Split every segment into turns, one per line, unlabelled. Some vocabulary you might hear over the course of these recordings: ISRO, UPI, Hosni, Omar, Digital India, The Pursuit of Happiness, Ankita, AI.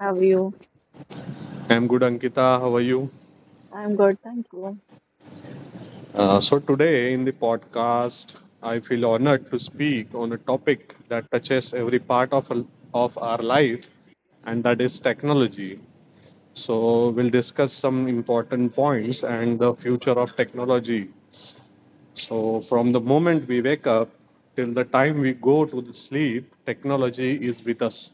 how are you?
I'm good, Ankita. How are you?
I'm good, thank you.
Today in the podcast, I feel honored to speak on a topic that touches every part of, our life, and that is technology. So, we'll discuss some important points and the future of technology. So, from the moment we wake up till the time we go to the sleep, technology is with us.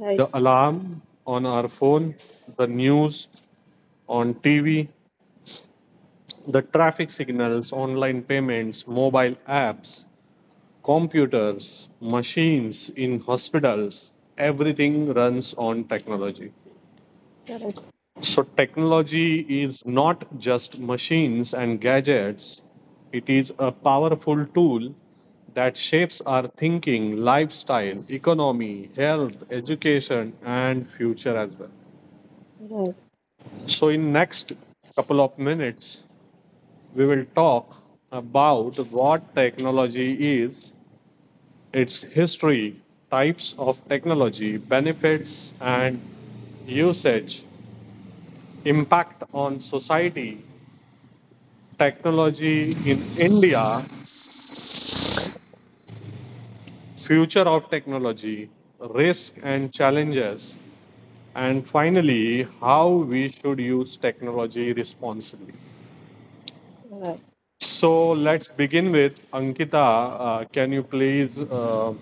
Right,
The alarm on our phone, the news on TV, the traffic signals, online payments, mobile apps, computers, machines in hospitals, everything runs on technology.
correct,
So, technology is not just machines and gadgets, it is a powerful tool that shapes our thinking, lifestyle, economy, health, education, and future as well.
right,
So, in next couple of minutes, we will talk about what technology is, its history, types of technology, benefits, and usage, impact on society, technology in India, future of technology, risk and challenges, and finally, how we should use technology responsibly.
right.
So let's begin with Ankita. Can you please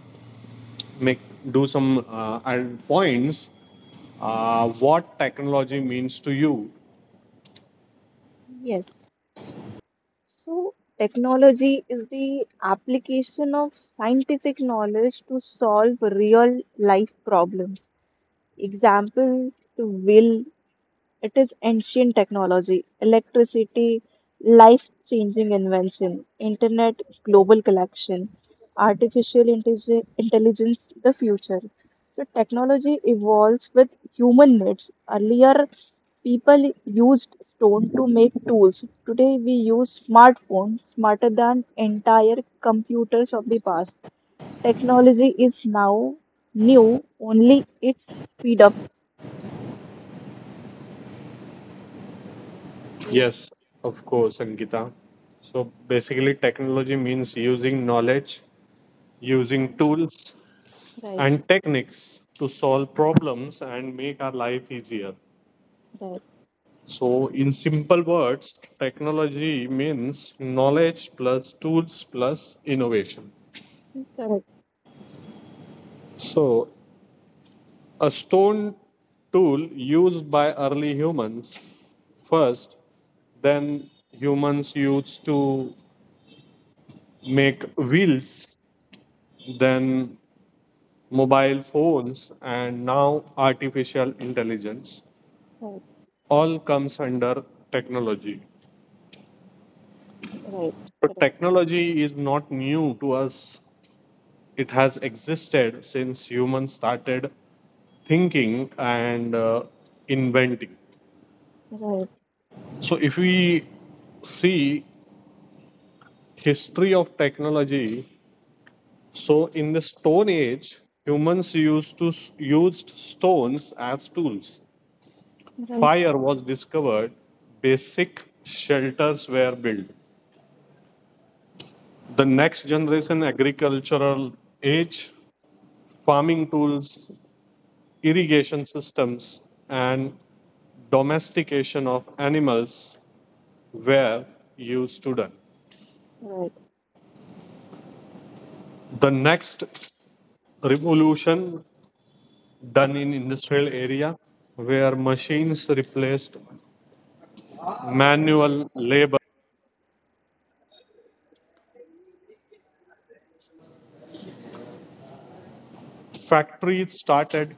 make do some points? What technology means to you?
Yes. So technology is the application of scientific knowledge to solve real life problems. Example to will it is ancient technology, electricity, life changing invention, internet, global collection, artificial intelligence, the future. So, technology evolves with human needs. Earlier, people used stone to make tools. Today, we use smartphones smarter than entire computers of the past. Technology is now new, only it's speed up. So,
Yes, of course, Ankita. So basically, technology means using knowledge, using tools,
right.
and techniques to solve problems and make our life easier.
Right.
So, in simple words, technology means knowledge plus tools plus innovation.
Correct.
So, a stone tool used by early humans first, then humans used to make wheels, then mobile phones, and now artificial intelligence
Right.
all comes under technology.
Right.
But
Correct.
technology is not new to us. It has existed since humans started thinking and inventing.
Right.
So if we see history of technology, so in the Stone Age, humans used stones as tools.
Right.
Fire was discovered. Basic shelters were built. The next generation agricultural age, farming tools, irrigation systems and domestication of animals were used to done.
Right.
The next revolution done in industrial area where machines replaced manual labor. Factories started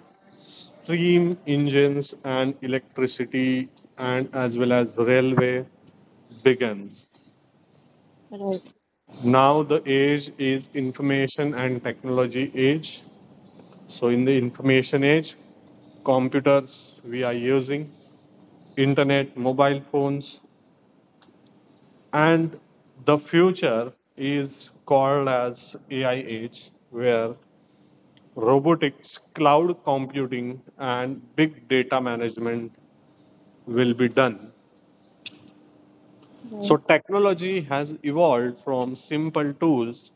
steam engines and electricity and as well as railway began.
Right.
Now the age is information and technology age. So in the information age, computers we are using, internet, mobile phones, and the future is called as AI age, where robotics, cloud computing, and big data management will be done. So
Right.
technology has evolved from simple tools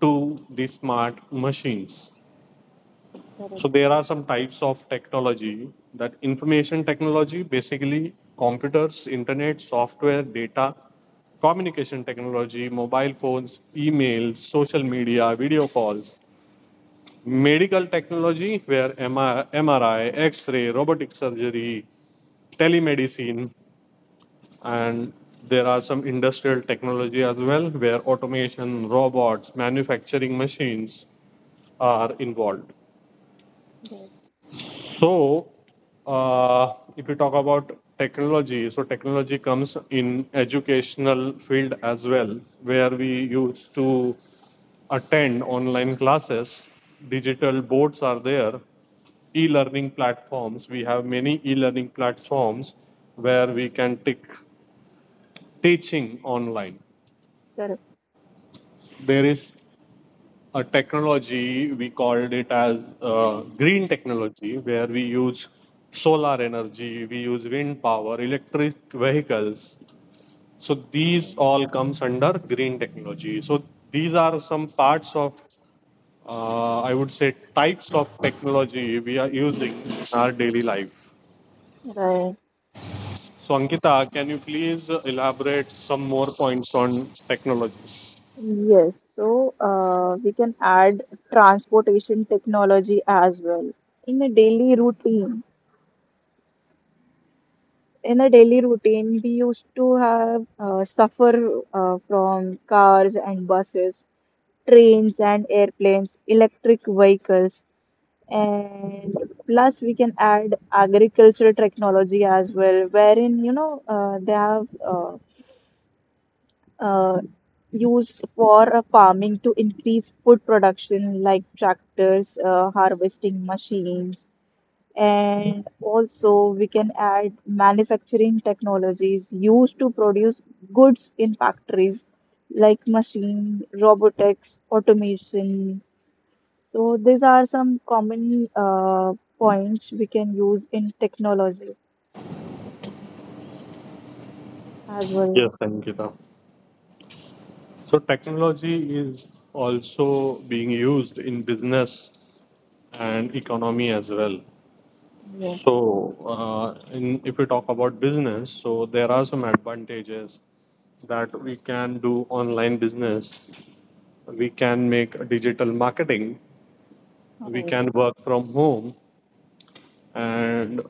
to the smart machines. So
Correct.
there are some types of technology, that information technology, basically computers, internet, software, data, communication technology, mobile phones, emails, social media, video calls, medical technology where MRI, X-ray, robotic surgery, telemedicine, and there are some industrial technology as well where automation, robots, manufacturing machines are involved.
Right.
So, if you talk about technology, so technology comes in educational field as well, where we used to attend online classes. Digital boards are there, e-learning platforms. We have many e-learning platforms where we can take teaching online.
Correct.
There is a technology we called it as green technology, where we use solar energy, we use wind power, electric vehicles, so these
Right.
all comes under green technology. So these are some parts of, I would say, types of technology we are using in our daily life.
Right.
So Ankita, can you please elaborate some more points on technology?
Yes. So we can add transportation technology as well. In a daily routine, we used to have suffer from cars and buses, trains and airplanes, electric vehicles. And plus we can add agricultural technology as well, wherein they have uh, used for farming to increase food production like tractors, harvesting machines. And also we can add manufacturing technologies used to produce goods in factories like machine robotics automation. So these are some common points we can use in technology as well.
Yes, Ankita. So technology is also being used in business and economy as well.
Yes.
So if we talk about business, so there are some advantages that we can do online business. We can make digital marketing. We
Right,
can work from home, and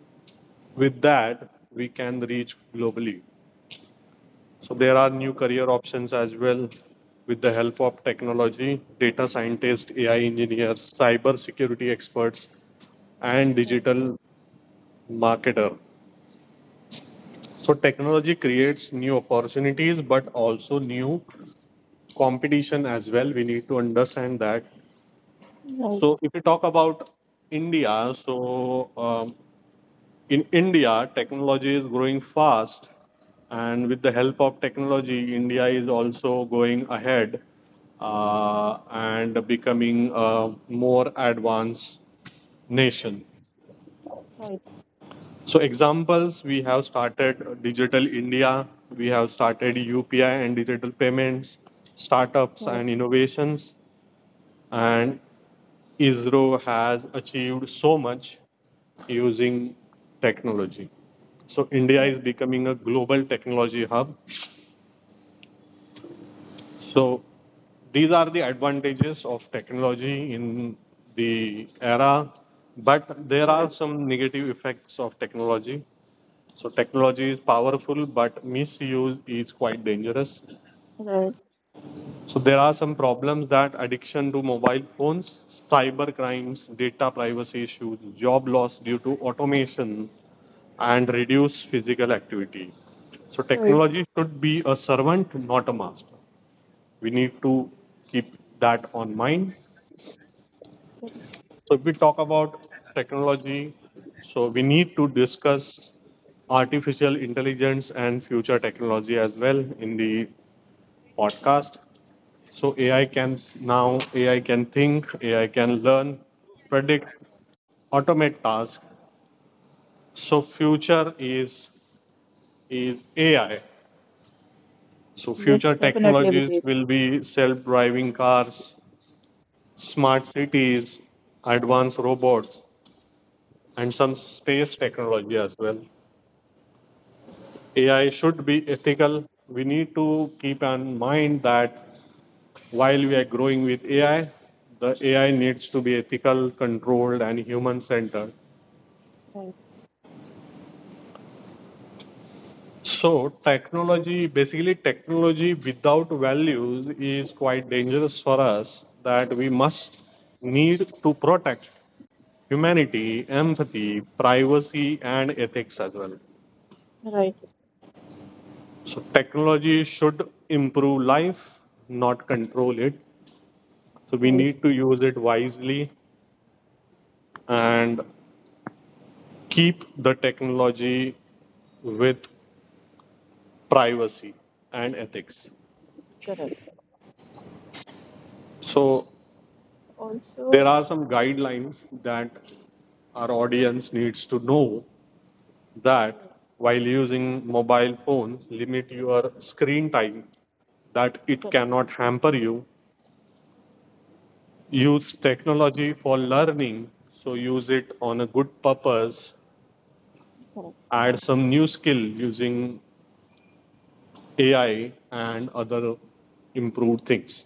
with that, we can reach globally. So there are new career options as well with the help of technology, data scientists, AI engineers, cyber security experts, and
right,
digital marketer. So technology creates new opportunities, but also new competition as well. We need to understand that.
right,
So if we talk about India, so in India, technology is growing fast, and with the help of technology, India is also going ahead and becoming a more advanced nation.
right, right,
So, examples, we have started Digital India, we have started UPI and digital payments, startups and innovations, and ISRO has achieved so much using technology. So India is
correct,
becoming a global technology hub. So these are the advantages of technology in the era, but there
right,
are some negative effects of technology. So technology is powerful, but misuse is quite dangerous.
right,
So there are some problems, that addiction to mobile phones, cyber crimes, data privacy issues, job loss due to automation, and reduce physical activity. So
right.
technology should be a servant, not a master. We need to keep that on mind. So if we talk about technology, so we need to discuss artificial intelligence and future technology as well in the podcast. So AI can think, AI can learn, predict, automate tasks. So future is AI. So
Yes,
future
definitely,
technologies
Vijay.
will be self-driving cars, smart cities, advanced robots, and some space technology as well. AI should be ethical. We need to keep in mind that while we are growing with AI, the AI needs to be ethical, controlled, and human centered.
Right,
So, technology without values is quite dangerous for us, that we must need to protect humanity, empathy, privacy, and ethics as well.
right,
So, technology should improve life, not control it. So, we
right,
need to use it wisely and keep the technology with privacy and ethics.
correct.
So, there
Also,
are some
to,
guidelines that our audience needs to know, that while using mobile phones, limit your screen time, that it
correct,
cannot hamper you. Use technology for learning, so use it on a good purpose.
correct,
Add some new skill using AI and other improved things.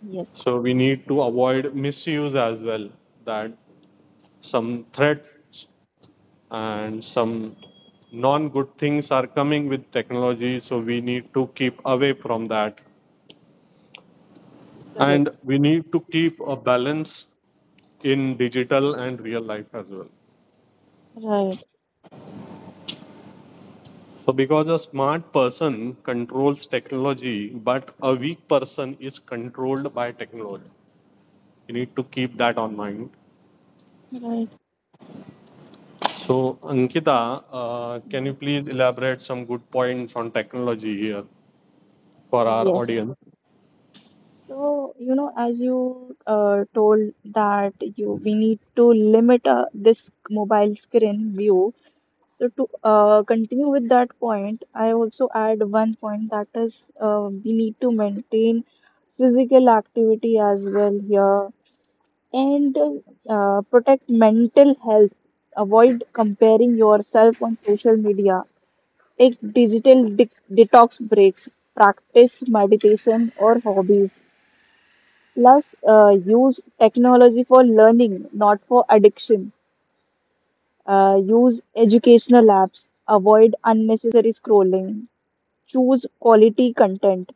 yes,
So we need to avoid misuse as well, that some threats and some non good things are coming with technology, so we need to keep away from that,
correct,
and we need to keep a balance in digital and real life as well.
right,
So, because a smart person controls technology, but a weak person is controlled by technology. You need to keep that on mind.
right.
So, Ankita, can you
Yes.
please elaborate some good points on technology here for our
Yes.
audience?
So, you know, as you told that you we need to limit this mobile screen view. So to continue with that point, I also add one point that is we need to maintain physical activity as well here and protect mental health. Avoid comparing yourself on social media. Take digital de detox breaks. Practice meditation or hobbies. Plus, use technology for learning, not for addiction. Use educational apps. Avoid unnecessary scrolling. Choose quality content.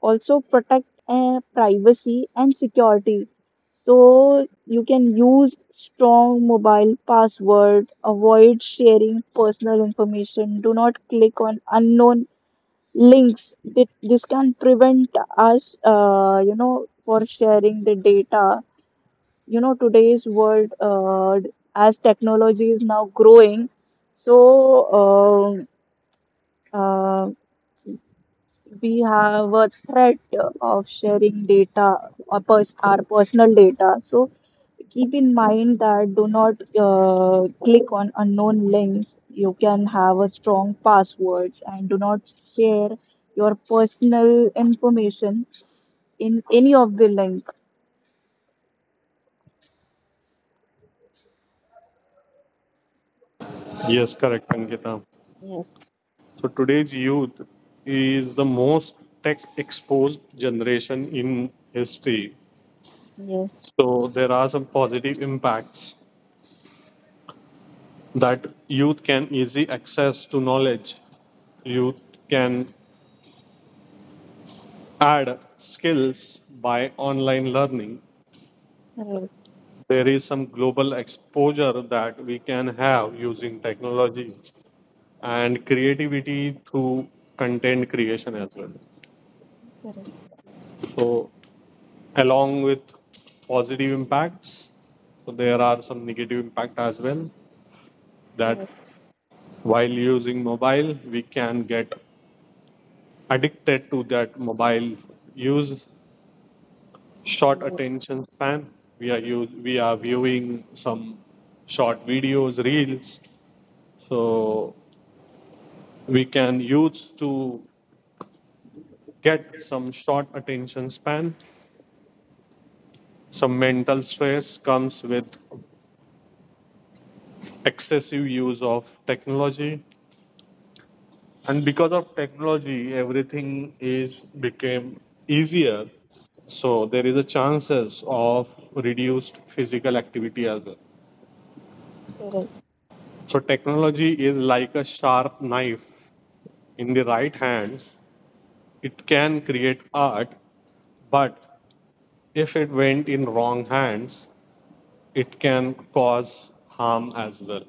Also, protect privacy and security. So, you can use strong mobile password. Avoid sharing personal information. Do not click on unknown links. This can prevent us, for sharing the data, you know, today's world, as technology is now growing, so uh, uh, we have a threat of sharing data or our personal data. So keep in mind that do not click on unknown links. You can have a strong passwords and do not share your personal information in any of the link.
Yes, correct, Ankita.
Yes.
So, today's youth is the most tech exposed generation in history.
Yes.
So, there are some positive impacts, that youth can easy access to knowledge, youth can add skills by online learning,
Correct.
there is some global exposure that we can have using technology, and creativity through content creation as well.
Correct,
So along with positive impacts, so there are some negative impact as well, that
correct,
while using mobile, we can get addicted to that mobile use, short attention span. We are use, we are viewing some short videos, reels, so we can use to get some short attention span. Some mental stress comes with excessive use of technology, and because of technology, everything is became easier. So there is a chances of reduced physical activity as well.
correct.
So technology is like a sharp knife. In the right hands, it can create art, but if it went in wrong hands, it can cause harm as well.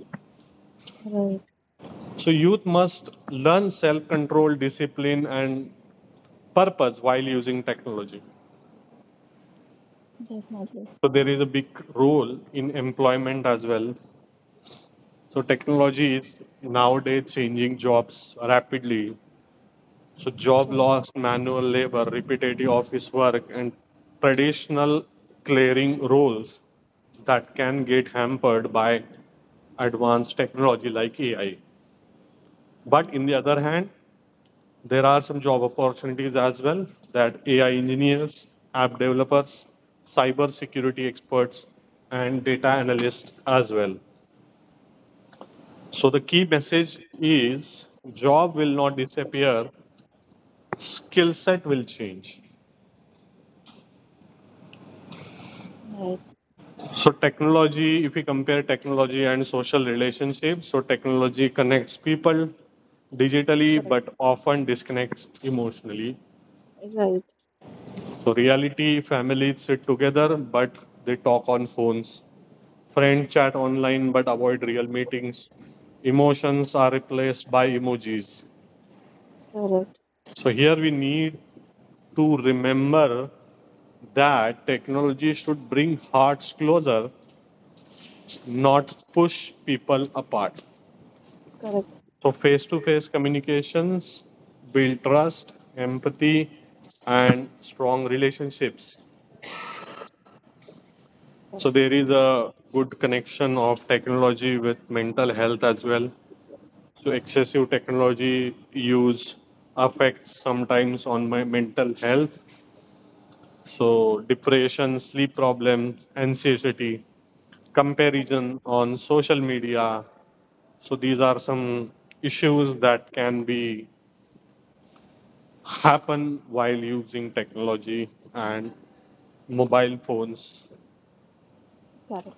Right,
So, youth must learn self control, discipline, and purpose while using technology.
definitely.
So, there is a big role in employment as well. So, technology is nowadays changing jobs rapidly. So job
Correct.
loss, manual labor, repetitive office work, and traditional clearing roles, that can get hampered by advanced technology like AI. But
Right,
in the other hand, there are some job opportunities as well, that AI engineers, app developers, cyber security experts, and data analysts as well. So the key message is job will not disappear, skill set will change.
right,
So technology, if we compare technology and social relationships, so technology connects people digitally
correct.
but often disconnects emotionally.
Right,
So reality, families sit together but they talk on phones. Friends chat online but avoid real meetings. Emotions are replaced by emojis.
correct,
So here we need to remember that technology should bring hearts closer, not push people apart.
correct,
So, face to face communications build trust, empathy, and strong relationships. So,
correct,
there is a good connection of technology with mental health as well. So, excessive technology use affects sometimes on my mental health. So, depression, sleep problems, anxiety,
correct,
comparison on social media. So, these are some issues that can be happen while using technology and mobile phones.
correct.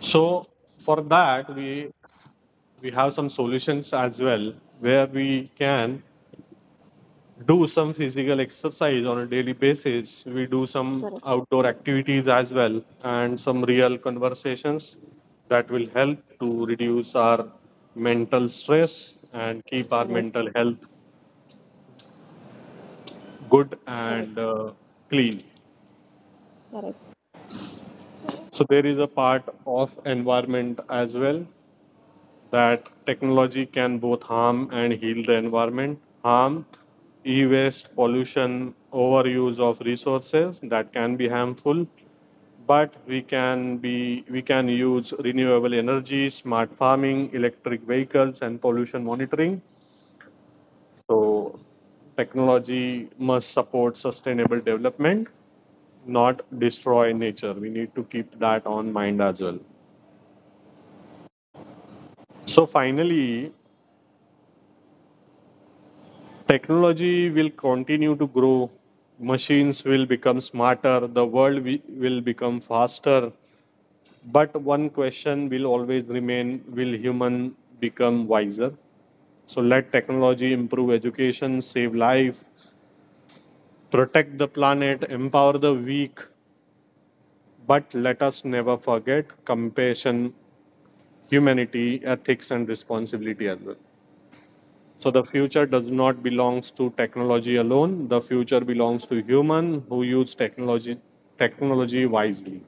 So,
So for that, we have some solutions as well, where we can do some physical exercise on a daily basis. We do some
correct,
outdoor activities as well, and some real conversations that will help to reduce our mental stress and keep our
correct,
mental health good and
correct,
clean.
correct.
So
So,
there is a part of environment as well, that technology can both harm and heal the environment. Harm, e waste, pollution, overuse of resources, that can be harmful. But we can use renewable energy, smart farming, electric vehicles, and pollution monitoring. So technology must support sustainable development, not destroy nature. We need to keep that on mind as well. So finally, technology will continue to grow. Machines will become smarter, the world will become faster, but one question will always remain, will human become wiser? So let technology improve education, save life, protect the planet, empower the weak, but let us never forget compassion, humanity, ethics, and responsibility as well. So the future does not belongs to technology alone. The future belongs to human who use technology wisely.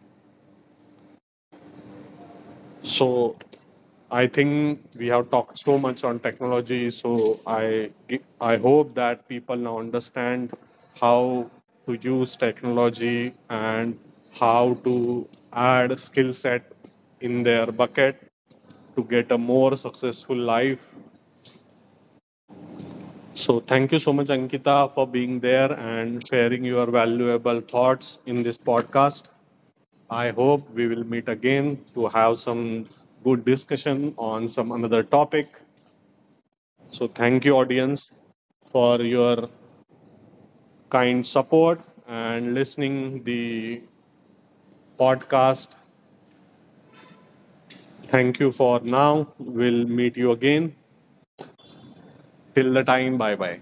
So I think we have talked so much on technology. So I hope that people now understand how to use technology and how to add skill set in their bucket to get a more successful life. So thank you so much, Ankita, for being there and sharing your valuable thoughts in this podcast. I hope we will meet again to have some good discussion on some another topic. So thank you, audience, for your kind support and listening the podcast. Thank you for now. We'll meet you again. Till the time, bye bye.